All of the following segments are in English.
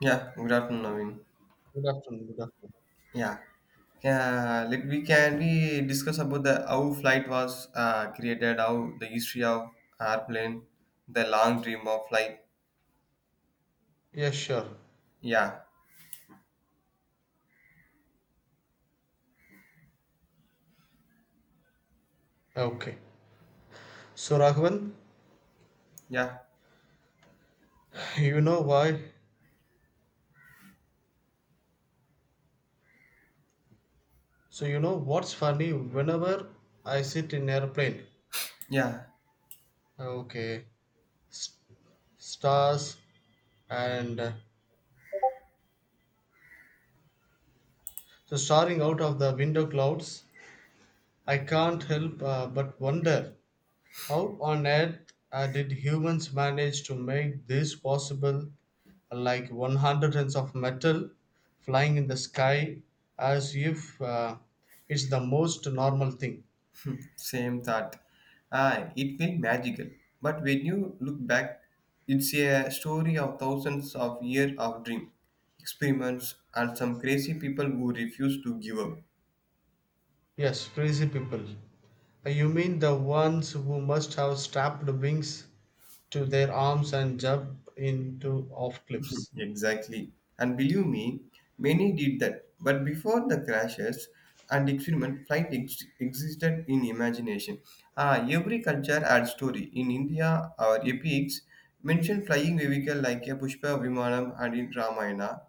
Yeah, good afternoon, Naveen. Good afternoon. Good afternoon. Yeah, yeah. Let we can we discuss about the how flight was created, how the history of airplane, the long dream of flight. Yes, sure. Yeah, Okay. So, Raghavan, yeah, you know why? So, you know what's funny? Whenever I sit in airplane, yeah. okay, s- stars and so staring out of the window clouds, I can't help but wonder how on earth did humans manage to make this possible? Like 100 tons of metal flying in the sky as if it's the most normal thing. Same thought. Ah, it feel magical, but when you look back, it's a story of thousands of years of dream, experiments, and some crazy people who refuse to give up. Yes, crazy people. You mean the ones who must have strapped wings to their arms and jump into off cliffs? Exactly. And believe me, many did that. But before the crashes and experiment, flight existed in imagination. Ah, every culture had story. In India, our epics mention flying vehicle like a Pushpa Vimanam and in Ramayana,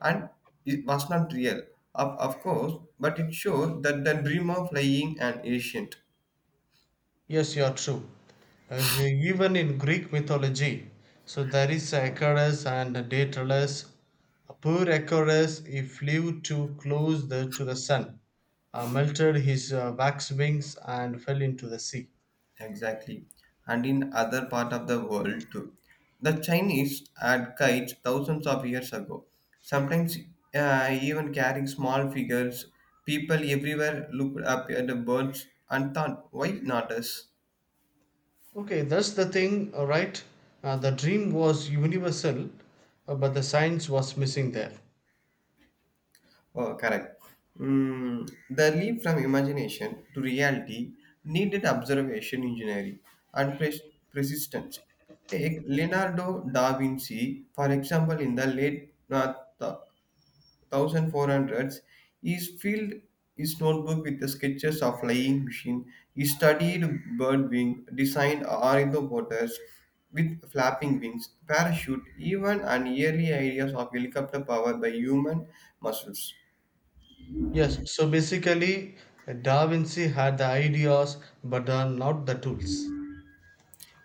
and it was not real, of course, but it shows that the dream of flying an ancient. Yes, you are true. Even in Greek mythology, so there is Achilles and Daedalus. Poor Achilles, he flew too close to the sun, melted his wax wings, and fell into the sea. Exactly. And in other part of the world too. The Chinese had kites thousands of years ago. Sometimes even carrying small figures, people everywhere looked up at the birds and thought, why not us? Okay, that's the thing, all right? The dream was universal, but the science was missing there. Oh, correct. The leap from imagination to reality needed observation engineering and persistence. Take Leonardo da Vinci, for example, in the late 1400s, he filled his notebook with the sketches of flying machine. He studied bird wing, designed ornithopters with flapping wings, parachute, even and early ideas of helicopter powered by human muscles. Yes, so basically, Da Vinci had the ideas, but not the tools.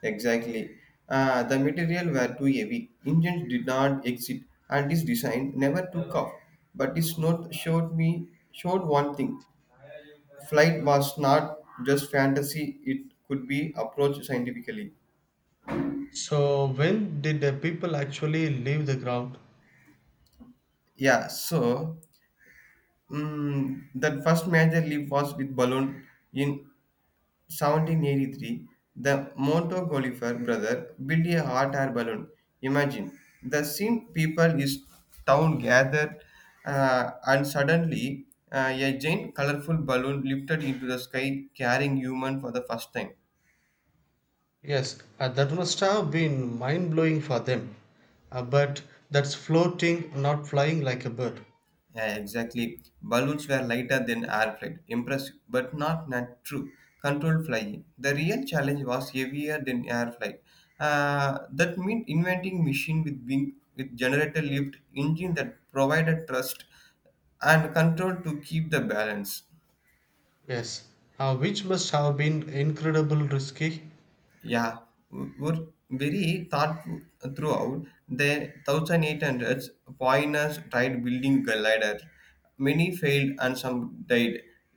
Exactly. The material were too heavy. Engines did not exist, and this design never took off. But this note showed one thing: flight was not just fantasy, it could be approached scientifically. So, when did the people actually leave the ground? Yeah, so that first major leap was with balloon in 1783. The Monto Golifer brother built a hot air balloon. Imagine the scene people is town gathered, and suddenly a giant colorful balloon lifted into the sky carrying human for the first time. Yes, that must have been mind blowing for them. But that's floating, not flying like a bird. Yeah, exactly. Balloons were lighter than airplane. Impressive, but not true. Controlled flying. The real challenge was heavier than air flight. That meant inventing machine with wing with generator lift engine that provided thrust and control to keep the balance. Yes, which must have been incredible risky. Yeah, were very thought throughout. The 1800s, pioneers tried building gliders. Many failed and some died.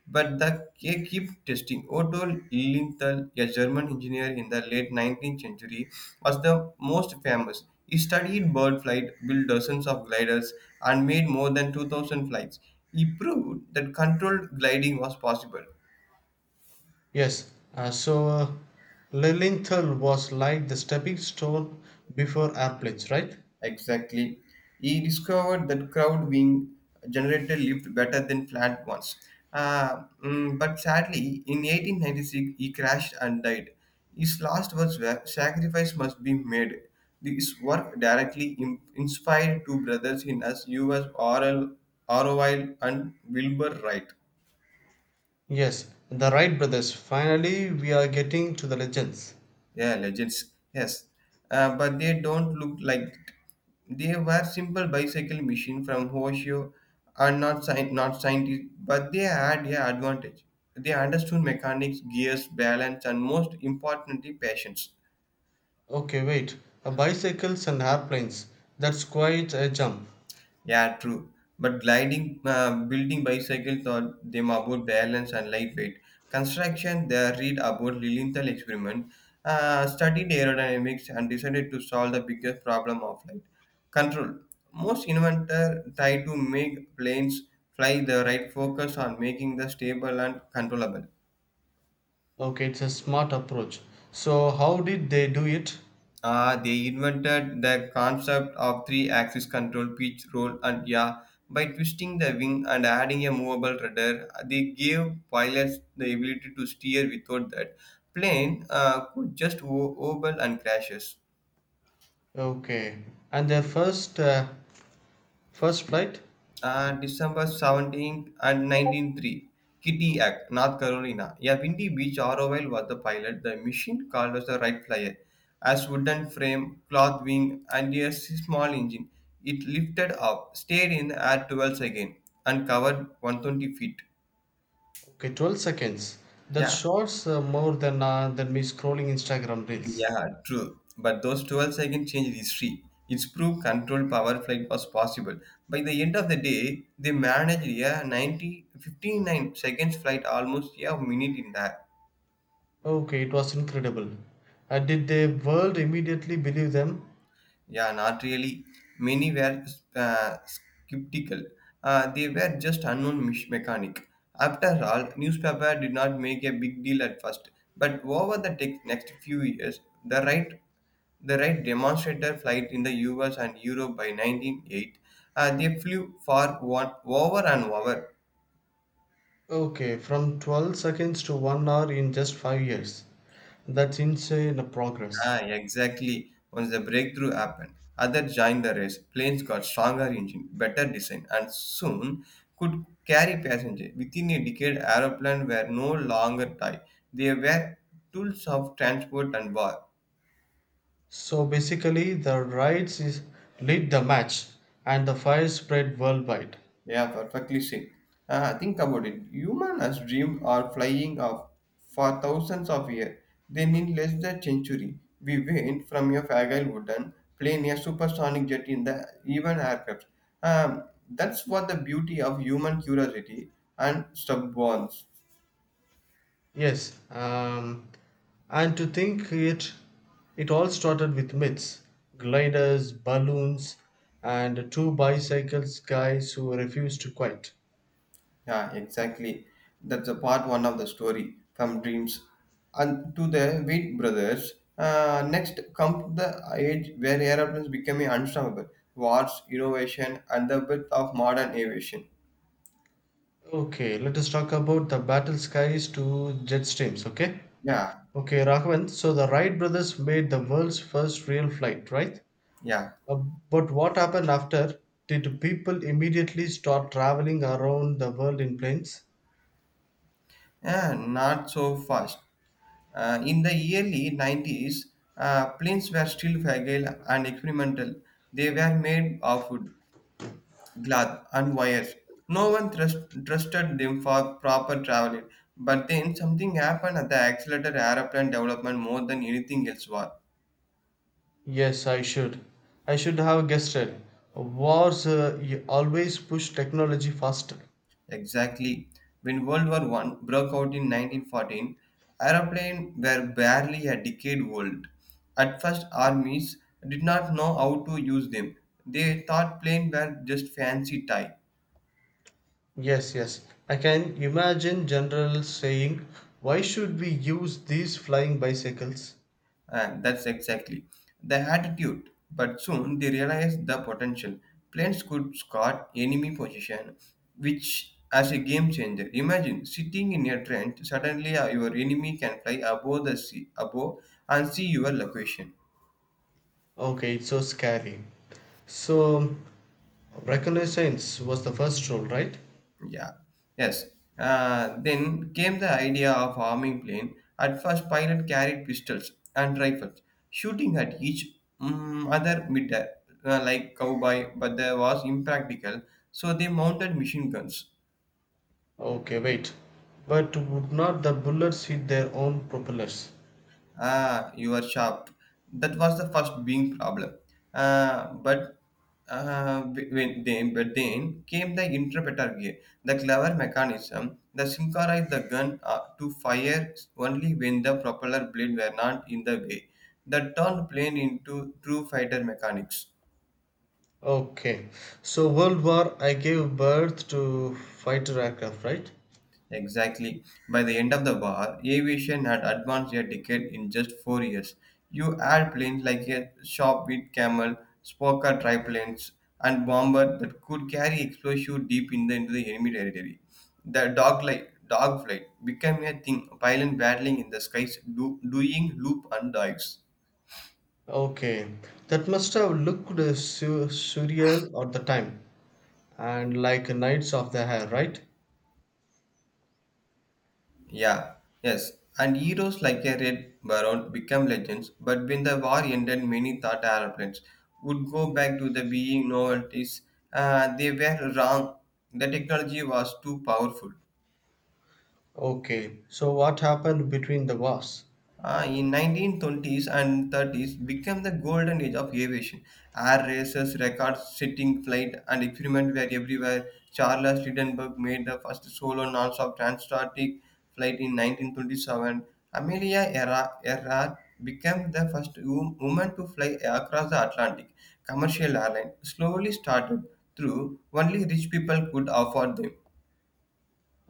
But they keep testing. Otto Lilienthal, a German engineer in the late 19th century, was the most famous. He studied bird flight, built dozens of gliders, and made more than 2,000 flights. He proved that controlled gliding was possible. Yes, so Lilienthal was like the stepping stone before airplanes, right? Exactly. He discovered that crowd wing generator lived better than planned ones. But sadly, in 1896, he crashed and died. His last words were sacrifice must be made. This work directly inspired two brothers in U.S. Orville and Wilbur Wright. Yes, the Wright brothers. Finally, we are getting to the legends. Yeah, legends. Yes, but they don't look like they were simple bicycle machine from Hoshio are not not scientists, but they had yeah advantage. They understood mechanics, gears, balance, and most importantly, patience. Okay, wait. Bicycles and airplanes. That's quite a jump. Yeah, true. But gliding, building bicycle taught them about balance and lightweight. Construction, they read about Lilienthal experiment, studied aerodynamics, and decided to solve the biggest problem of flight control. Most inventors try to make planes fly the right focus on making the stable and controllable. Okay, it's a smart approach. So how did they do it? They invented the concept of three-axis control, pitch, roll, and yaw. By twisting the wing and adding a movable rudder, they gave pilots the ability to steer without that. Plane could just oval and crashes. Okay, and their first flight. December 17th and 1903, Kitty Act, North Carolina. A windy beach ROL was the pilot. The machine called as the Wright Flyer. As wooden frame, cloth wing, and a small engine, it lifted up, stayed in the air 12 seconds, and covered 120 feet. Okay, 12 seconds. That Yeah, shorts more than me scrolling Instagram reels. Yeah, true. But those 12 seconds changed history. It's proved controlled power flight was possible. By the end of the day, they managed a 59 seconds flight, almost yeah, a minute in the Okay, it was incredible. Did the world immediately believe them? Yeah, not really. Many were skeptical. They were just unknown mechanic. After all, newspaper did not make a big deal at first, but over the next few years, the right demonstrator flight in the US and Europe by 1908, they flew for one over and over. Okay, from 12 seconds to 1 hour in just 5 years. That's insane progress. Ah, exactly. Once the breakthrough happened, others joined the race. Planes got stronger engine, better design, and soon could carry passengers. Within a decade, aeroplanes were no longer toy. They were tools of transport and war. So basically, the riots is, lit the match, and the fire spread worldwide. Yeah, perfectly said. Think about it. Humans as dreamed are flying off for thousands of years. Then in less than century, we went from a fragile wooden plane a supersonic jet in the even aircraft. That's what the beauty of human curiosity and stubbornness. Yes, and to think it all started with myths, gliders, balloons, and two bicycles guys who refused to quit. Yeah, exactly. That's a part one of the story from dreams. And to the Wheat brothers, next comes the age where airplanes becoming unstoppable. Wars, innovation, and the birth of modern aviation. Okay, let us talk about the battle skies to jet streams, okay? Yeah, Okay, Raghavan, so the Wright brothers made the world's first real flight, right? yeah. Uh, but what happened after? Did people immediately start traveling around the world in planes? Yeah, not so fast. In the early 90s, planes were still fragile and experimental. They were made of wood. Glad and wires. No one trusted them for proper traveling, but then something happened at the accelerator aeroplane development more than anything else was. Yes, I should have guessed it. Wars always push technology faster. Exactly. When World War One broke out in 1914, aeroplanes were barely a decade old. At first, armies did not know how to use them. They thought planes were just fancy toys. Yes, yes. I can imagine generals saying, why should we use these flying bicycles? And that's exactly the attitude. But soon they realized the potential. Planes could scout enemy position, which as a game changer. Imagine sitting in a trench, suddenly your enemy can fly above the sea, above and see your location. Okay, it's so scary. So, reconnaissance was the first rule, right? Yeah, yes. Then came the idea of arming plane. At first, pilot carried pistols and rifles, shooting at each other mid-air, like cowboy, but that was impractical, so they mounted machine guns. Okay, wait. But would not the bullets hit their own propellers? Ah, you are sharp. That was the first being problem. Uh, but but then came the interpreter gear, the clever mechanism that synchronized the gun to fire only when the propeller blade were not in the way. That turned plane into true fighter mechanics. Okay. So, World War I gave birth to fighter aircraft, right? Exactly. By the end of the war, aviation had advanced a decade in just 4 years. You add planes like a Shop with Camel, Spoker triplanes, and bomber that could carry explosive deep in into the enemy territory. Dog flight became a thing, pilot battling in the skies, doing loop and dives. Okay, that must have looked surreal at the time and like Knights of the Hair, right? Yeah, yes. And heroes like a Red Baron became legends, but when the war ended, many thought aeroplanes would go back to the being novelties. They were wrong. The technology was too powerful. Okay, so what happened between the wars? In 1920s and 30s became the golden age of aviation. Air races, record setting flight, and experiment were everywhere. Charles Lindbergh made the first solo non-stop transatlantic flight in 1927. Amelia Earhart Earhart became the first woman to fly across the Atlantic. Commercial airline slowly started through only rich people could afford them.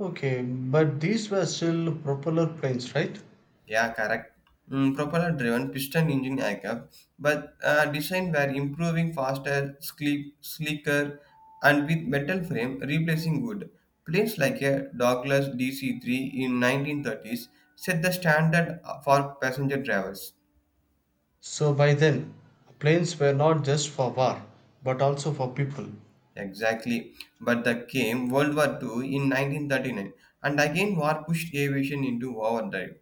Okay, but these were still propeller planes, right? Yeah, correct. Propeller-driven piston engine aircraft, but design were improving faster, sleek, sleeker, and with metal frame replacing wood. Planes like a Douglas DC-3 in 1930s set the standard for passenger drivers. So by then, planes were not just for war, but also for people. Exactly, but the came World War Two in 1939, and again war pushed aviation into overdrive.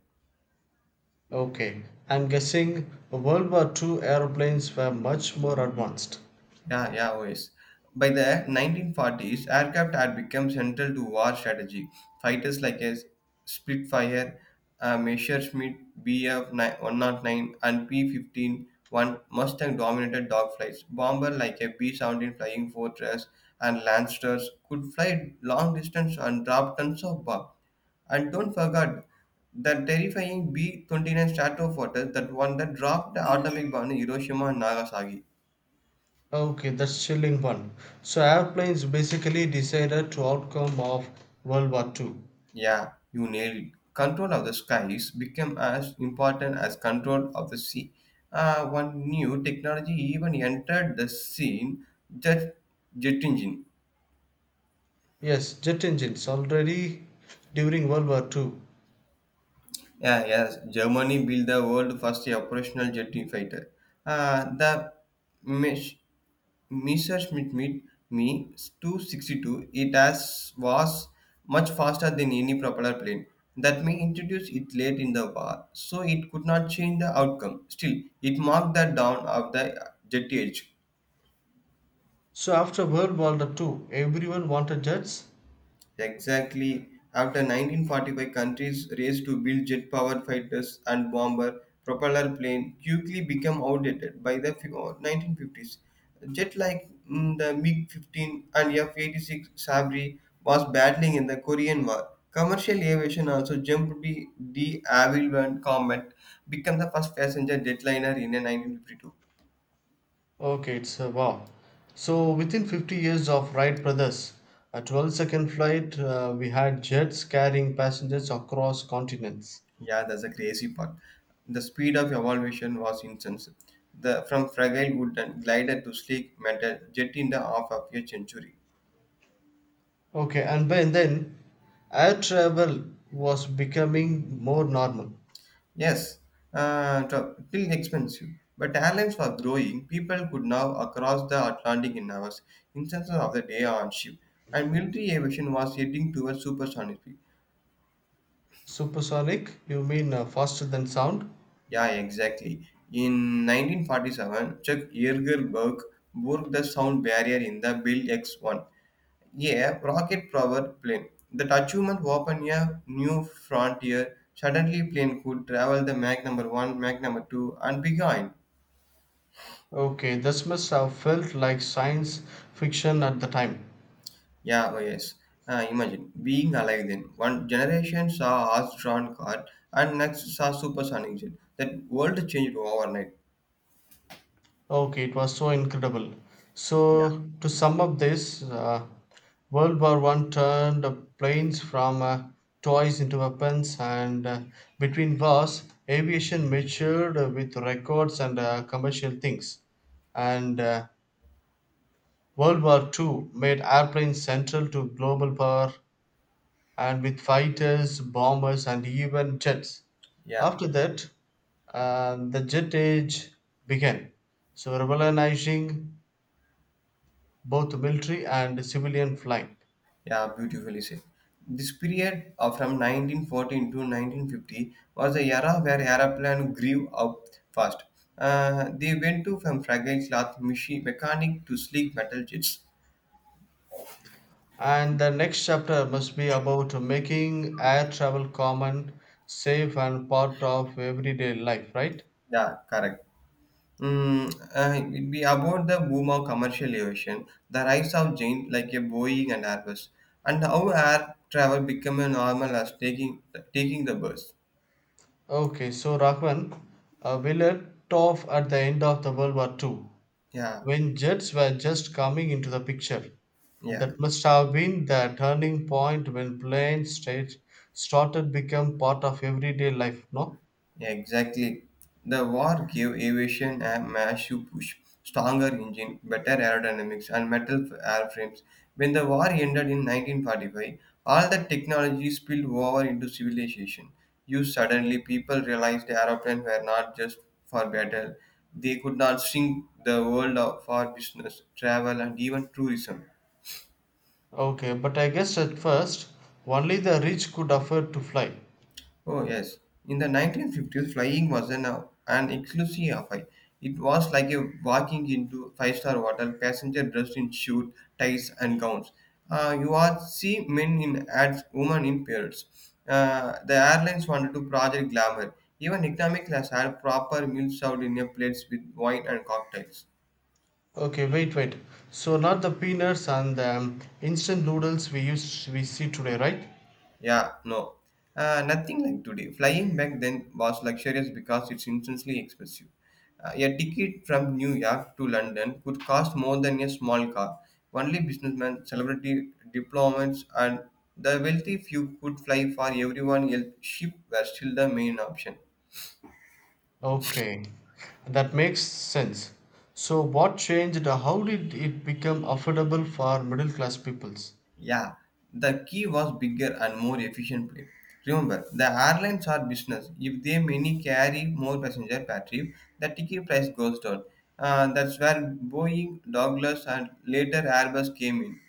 Okay, I'm guessing World War II airplanes were much more advanced. Yeah, yeah, always. By the 1940s, aircraft had become central to war strategy. Fighters like a Spitfire, Messerschmitt Bf 109 and P 15 1 Mustang dominated dogfights. Bomber like a B 17 Flying Fortress and Lancers could fly long distance and drop tons of bomb. And don't forget the terrifying B 29 Stratofortress, that one that dropped the atomic bomb in Hiroshima and Nagasaki. Okay, that's chilling one. So airplanes basically decided to outcome of World War II. Yeah, you nailed it. Control of the skies became as important as control of the sea. One new technology even entered the scene, jet, jet engine. Yes, jet engines already during World War II. Yeah, yes. Germany built the world first operational jet fighter. The Mesh Messerschmitt Me 262 it has was much faster than any propeller plane. That may introduce it late in the war, so it could not change the outcome. Still, it marked the dawn of the jet age. So after World War II, everyone wanted jets. Exactly. After 1945, countries raced to build jet-powered fighters and bomber propeller plane quickly became outdated by the 1950s. Jet like the MiG-15 and F-86 Sabri was battling in the Korean War. Commercial aviation also jumped the de Havilland Comet, became the first passenger jetliner in a 1952. Okay, it's a wow. So within 50 years of Wright brothers, a 12-second flight, we had jets carrying passengers across continents. Yeah, that's a crazy part. The speed of evolution was intense. The from fragile wooden glider to sleek metal jet in the half of a century. Okay, and by then, air travel was becoming more normal. Yes, still expensive. But airlines were growing. People could now across the Atlantic in hours, instances of the day on ship. And military aviation was heading towards supersonic speed. Supersonic? You mean faster than sound? Yeah, exactly. In 1947, Chuck Yeager broke the sound barrier in the Bill X-1 A rocket powered plane. That achievement opened a new frontier. Suddenly, plane could travel the Mach number one, Mach number two, and beyond. Okay, this must have felt like science fiction at the time. Yeah, oh yes. Imagine being alive then. One generation saw horse-drawn car, and next saw supersonic jet. That world changed overnight. Okay, it was so incredible. Yeah, So, to sum up this, World War I turned the planes from toys into weapons, and between wars, aviation matured with records and commercial things. And World War II made airplanes central to global power, and with fighters, bombers, and even jets. yeah. After that, the jet age began, so revolutionizing both military and civilian flying. Yeah, beautifully said. This period from 1914 to 1950 was the era where aeroplane grew up fast. They went to from fragile cloth machine mechanic to sleek metal jets. And the next chapter must be about making air travel common, safe, and part of everyday life, right? Yeah, correct. Mm, it will be about the boom of commercial aviation, the rise of giant like a Boeing and Airbus, and how air travel became a normal as taking the bus. Okay, so Rahman, we left off at the end of the World War II, Yeah, when jets were just coming into the picture. yeah. That must have been the turning point when planes state started become part of everyday life, no? Yeah, exactly. The war gave aviation a massive push, stronger engine, better aerodynamics, and metal airframes. When the war ended in 1945, all that technology spilled over into civilization. You suddenly people realized aeroplanes were not just for battle; they could not shrink the world for business, travel, and even tourism. Okay, but I guess at first only the rich could afford to fly. Oh, yes. In the 1950s, flying was an exclusive affair. It was like a walking into five-star hotel, passenger dressed in suit, ties, and gowns. You are see men in ads, women in parrots. The airlines wanted to project glamour. Even economic class had proper meals served in a plates with wine and cocktails. Okay, wait, wait. So not the peanuts and the instant noodles we see today, right? Yeah, no. Nothing like today. Flying back then was luxurious because it's instantly expensive. A ticket from New York to London could cost more than a small car. Only businessmen, celebrity diplomats, and the wealthy few could fly for everyone else. Ship were still the main option. Okay, that makes sense. So what changed? How did it become affordable for middle class peoples? Yeah, the key was bigger and more efficient plane. Remember, the airlines are business. If they many carry more passenger per trip, the ticket price goes down. That's where Boeing, Douglas, and later Airbus came in.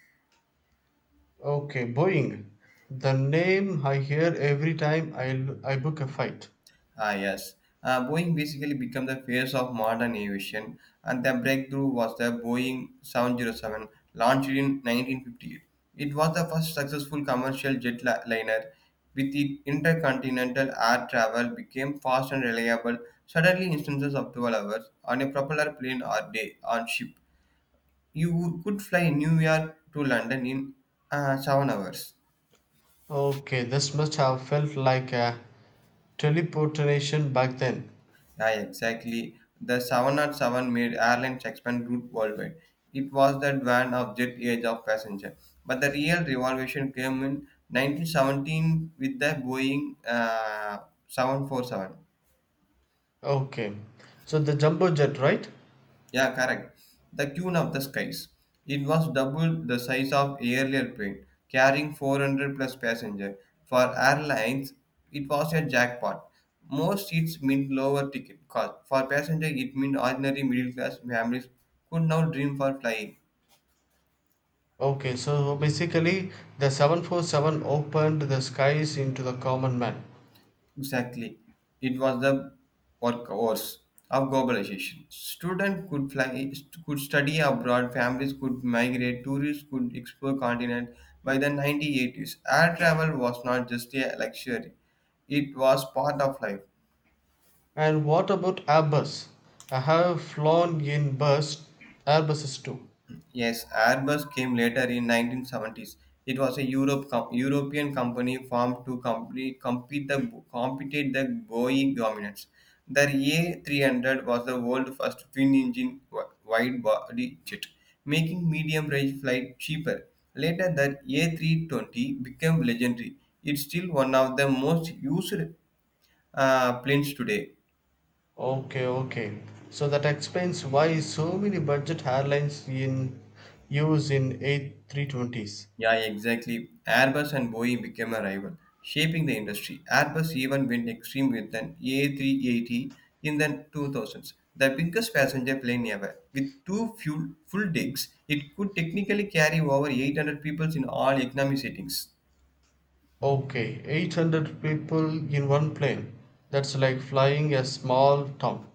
Okay, Boeing. The name I hear every time I book a flight. Ah, yes. Boeing basically became the face of modern aviation, and the breakthrough was the Boeing 707, launched in 1958. It was the first successful commercial jet liner. With it, intercontinental air travel became fast and reliable, suddenly instances of 12 hours on a propeller plane or day on ship. You could fly New York to London in 7 hours. Okay, this must have felt like a teleportation back then. Yeah, exactly. The 707 made airlines expand route worldwide. It was the dawn of jet age of passenger. But the real revolution came in 1917 with the Boeing 747. Okay, so the jumbo jet, right? Yeah, correct. The Queen of the Skies. It was double the size of earlier plane, carrying 400 plus passenger. For airlines, it was a jackpot. Most seats meant lower ticket cost. For passenger, it meant ordinary middle class families could now dream for flying. Okay, so basically, the 747 opened the skies into the common man. Exactly. It was the workhorse of globalization. Students could fly, could study abroad, families could migrate, tourists could explore continent. By the 1980s, air travel was not just a luxury; it was part of life. And what about Airbus? I have flown in Airbuses too. Yes, Airbus came later in 1970s. It was a European company formed to compete the Boeing dominance. The A300 was the world's first twin-engine wide-body jet, making medium-range flight cheaper. Later, the A320 became legendary. It's still one of the most used planes today. Okay, okay. So that explains why so many budget airlines in use in A320s. Yeah, exactly. Airbus and Boeing became a rival, shaping the industry. Airbus even went extreme with an A380 in the 2000s, the biggest passenger plane ever. With two full decks, it could technically carry over 800 people in all economy settings. Okay, 800 people in one plane. That's like flying a small town.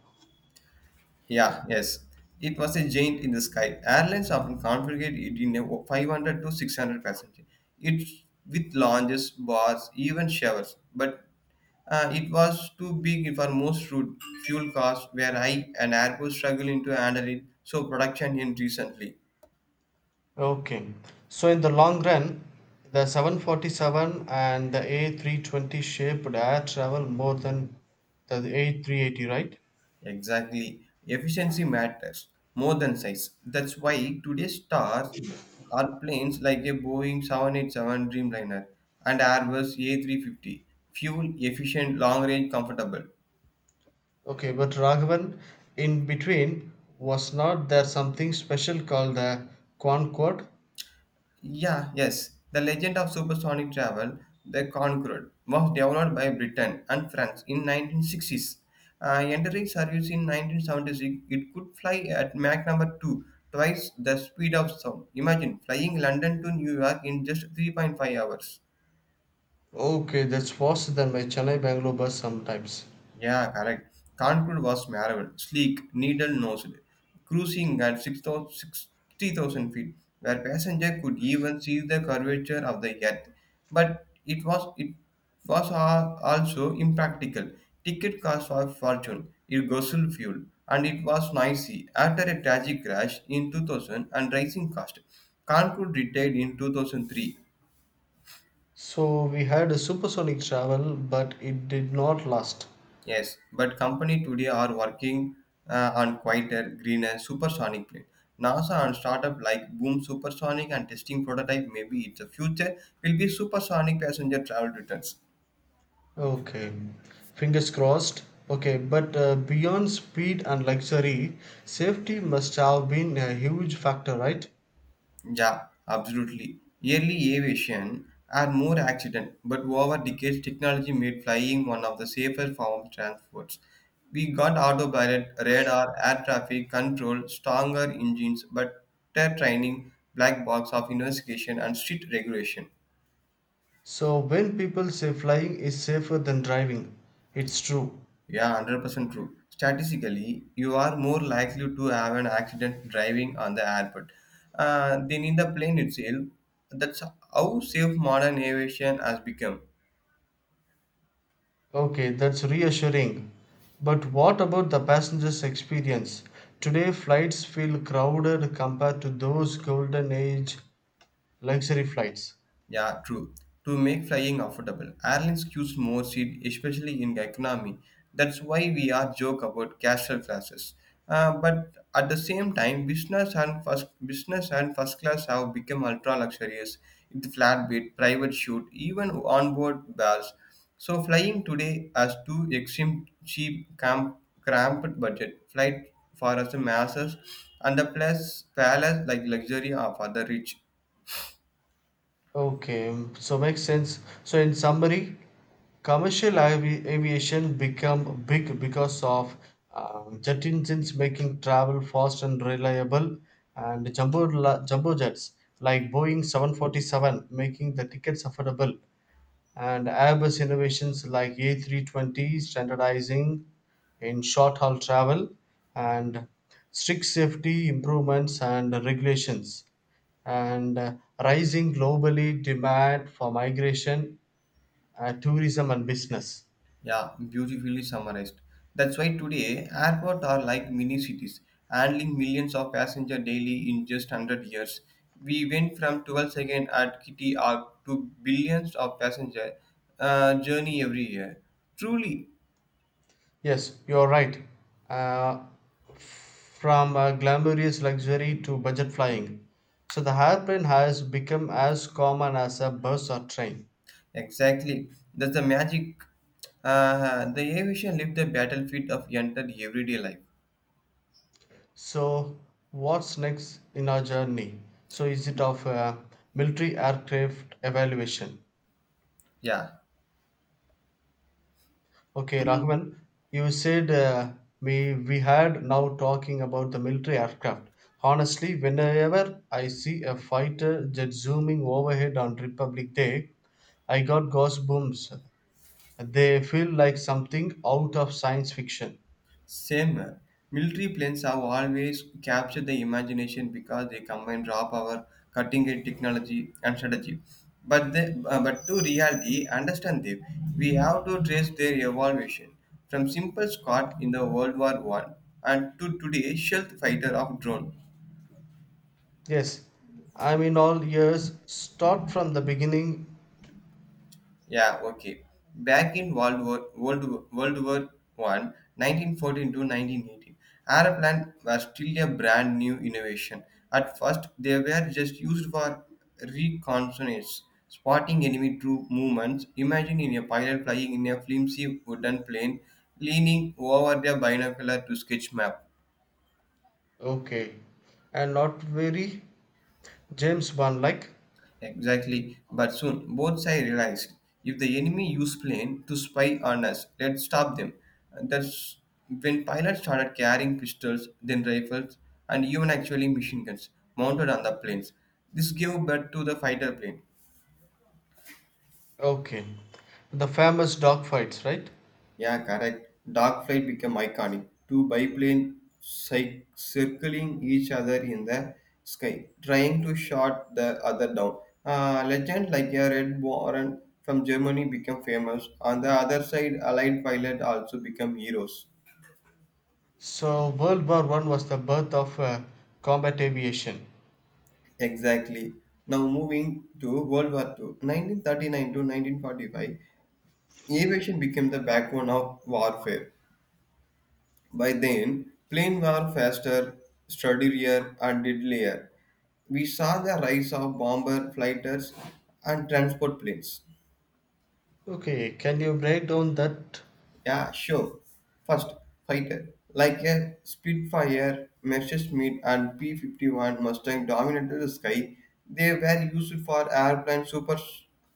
Yeah, yes. It was a giant in the sky. Airlines often configure it in a 500 to 600 passenger. It with lounges, bars, even showers. But it was too big for most route. Fuel costs were high, and airports struggled to handle it. So production in recently. Okay. So in the long run, the 747 and the A320 shaped air travel more than the A380, right? Exactly. Efficiency matters more than size. That's why today's stars are planes like a Boeing 787 Dreamliner and Airbus A350. Fuel efficient, long range, comfortable. Okay, but Raghavan, in between, was not there something special called the Concorde? Yeah, yes. The legend of supersonic travel, the Concorde, was developed by Britain and France in 1960s. Entering service in 1976, it could fly at Mach number 2, twice the speed of sound. Imagine flying London to New York in just 3.5 hours. Okay, that's faster than my Chennai Bangalore bus sometimes. Yeah, correct. Kanpur was marvel, sleek, needle-nosed, cruising at 6,000 60,000 feet, where passenger could even see the curvature of the earth. But it was also impractical. Ticket cost a fortune, it guzzled fuel, and it was noisy. After a tragic crash in 2000 and rising cost, Kanpur retired in 2003. So we had a supersonic travel, but it did not last. Yes, but company today are working on quieter, greener, supersonic plane. NASA and startup like Boom Supersonic and testing prototype maybe it's the future will be supersonic passenger travel returns. Okay, fingers crossed. Okay, but beyond speed and luxury, safety must have been a huge factor, right? Yeah, absolutely. Early aviation had more accident, but over decades, technology made flying one of the safer forms of transports. We got autopilot, radar, air traffic control, stronger engines, better training, black box of investigation, and strict regulation. So when people say flying is safer than driving, it's true. Yeah, 100% true. Statistically, you are more likely to have an accident driving on the airport than in the plane itself. That's how safe modern aviation has become. Okay, that's reassuring. But what about the passenger's experience? Today, flights feel crowded compared to those golden age luxury flights. Yeah, true. To make flying affordable, airlines use more seat, especially in economy. That's why we are joke about casual classes. But at the same time, business and first class have become ultra luxurious with flatbed, private shoot, even onboard bars. So flying today has two extreme cramped budget flight for us masses and the plus palace like luxury are for the rich. Okay, so makes sense. So in summary, commercial aviation become big because of jet engines making travel fast and reliable, and jumbo jets like Boeing 747 making the tickets affordable, and Airbus innovations like A320 standardizing in short haul travel, and strict safety improvements and regulations and rising globally demand for migration, tourism, and business. Yeah, beautifully summarized. That's why today airports are like mini cities, handling millions of passengers daily in just 100 years. We went from 12 seconds at Kitty Hawk to billions of passenger journey every year. Truly, Yes, you're right. Uh, from glamorous luxury to budget flying. So the hairpin has become as common as a bus or train. exactly. That's the magic. The aviation left the battlefield of entered everyday life. So what's next in our journey? So is it of military aircraft evaluation? Yeah. Okay, Mm-hmm. Rahman, you said we had now talking about the military aircraft. Honestly, whenever I see a fighter jet zooming overhead on Republic Day, I got goosebumps. They feel like something out of science fiction. Same. Military planes have always captured the imagination because they combine raw power, cutting edge technology, and strategy. But to reality, understand them, we have to trace their evolution from simple Scot in the World War One and to today's stealth fighter of drone. Yes, I'm in all ears. Start from the beginning. Yeah, okay. Back in World War One, 1914 to 1918, aeroplane was still a brand new innovation. At first, they were just used for reconnaissance, spotting enemy troop movements. Imagine in a pilot flying in a flimsy wooden plane, leaning over their binocular to sketch map. Okay, and not very James Bond like. Exactly. But soon both sides realized if the enemy use plane to spy on us, let's stop them. And that's when pilots started carrying pistols, then rifles, and even actually machine guns mounted on the planes. This gave birth to the fighter plane. Okay, the famous dogfights, right? Yeah, correct. Dark flight became iconic. Two biplane circling each other in the sky, trying to shot the other down. A legend like a Red Warren from Germany became famous. On the other side, Allied pilot also became heroes. So World War I was the birth of combat aviation. Exactly. Now moving to World War Two, 1939 to 1945, aviation became the backbone of warfare. By then, plane were faster, sturdier, and deadlier. We saw the rise of bomber fighters and transport planes. Okay, can you break down that? Yeah, sure. First, fighter. Like a Spitfire, Messerschmitt, and P 51 Mustang dominated the sky, they were used for airplane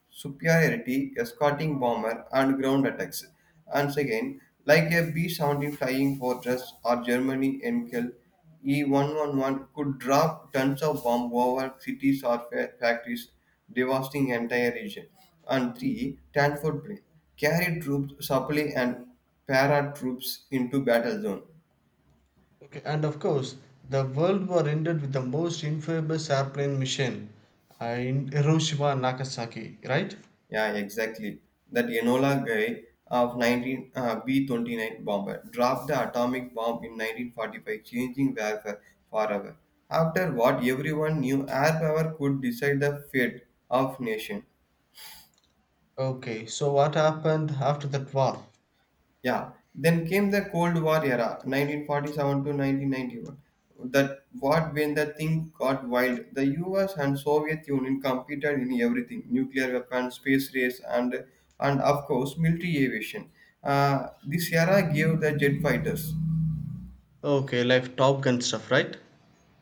superiority, escorting bomber, and ground attacks. And second, like a B 17 Flying Fortress or Germany Enkel, E 111 could drop tons of bomb over cities or factories, devastating entire region. And three, Tanford plane. Carry troops supply and para troops into battle zone. Okay, and of course, the World War ended with the most infamous airplane mission in Hiroshima and Nagasaki, right? Yeah, exactly. That Enola guy of 19 uh, B-29 bomber dropped the atomic bomb in 1945, changing warfare forever. After what everyone knew air power could decide the fate of nation. Okay, so what happened after that war? Yeah. Then came the Cold War era, 1947 to 1991. That what when the thing got wild, the U.S. and Soviet Union competed in everything: nuclear weapons, space race, and of course military aviation. This era gave the jet fighters. Okay, like Top Gun stuff, right?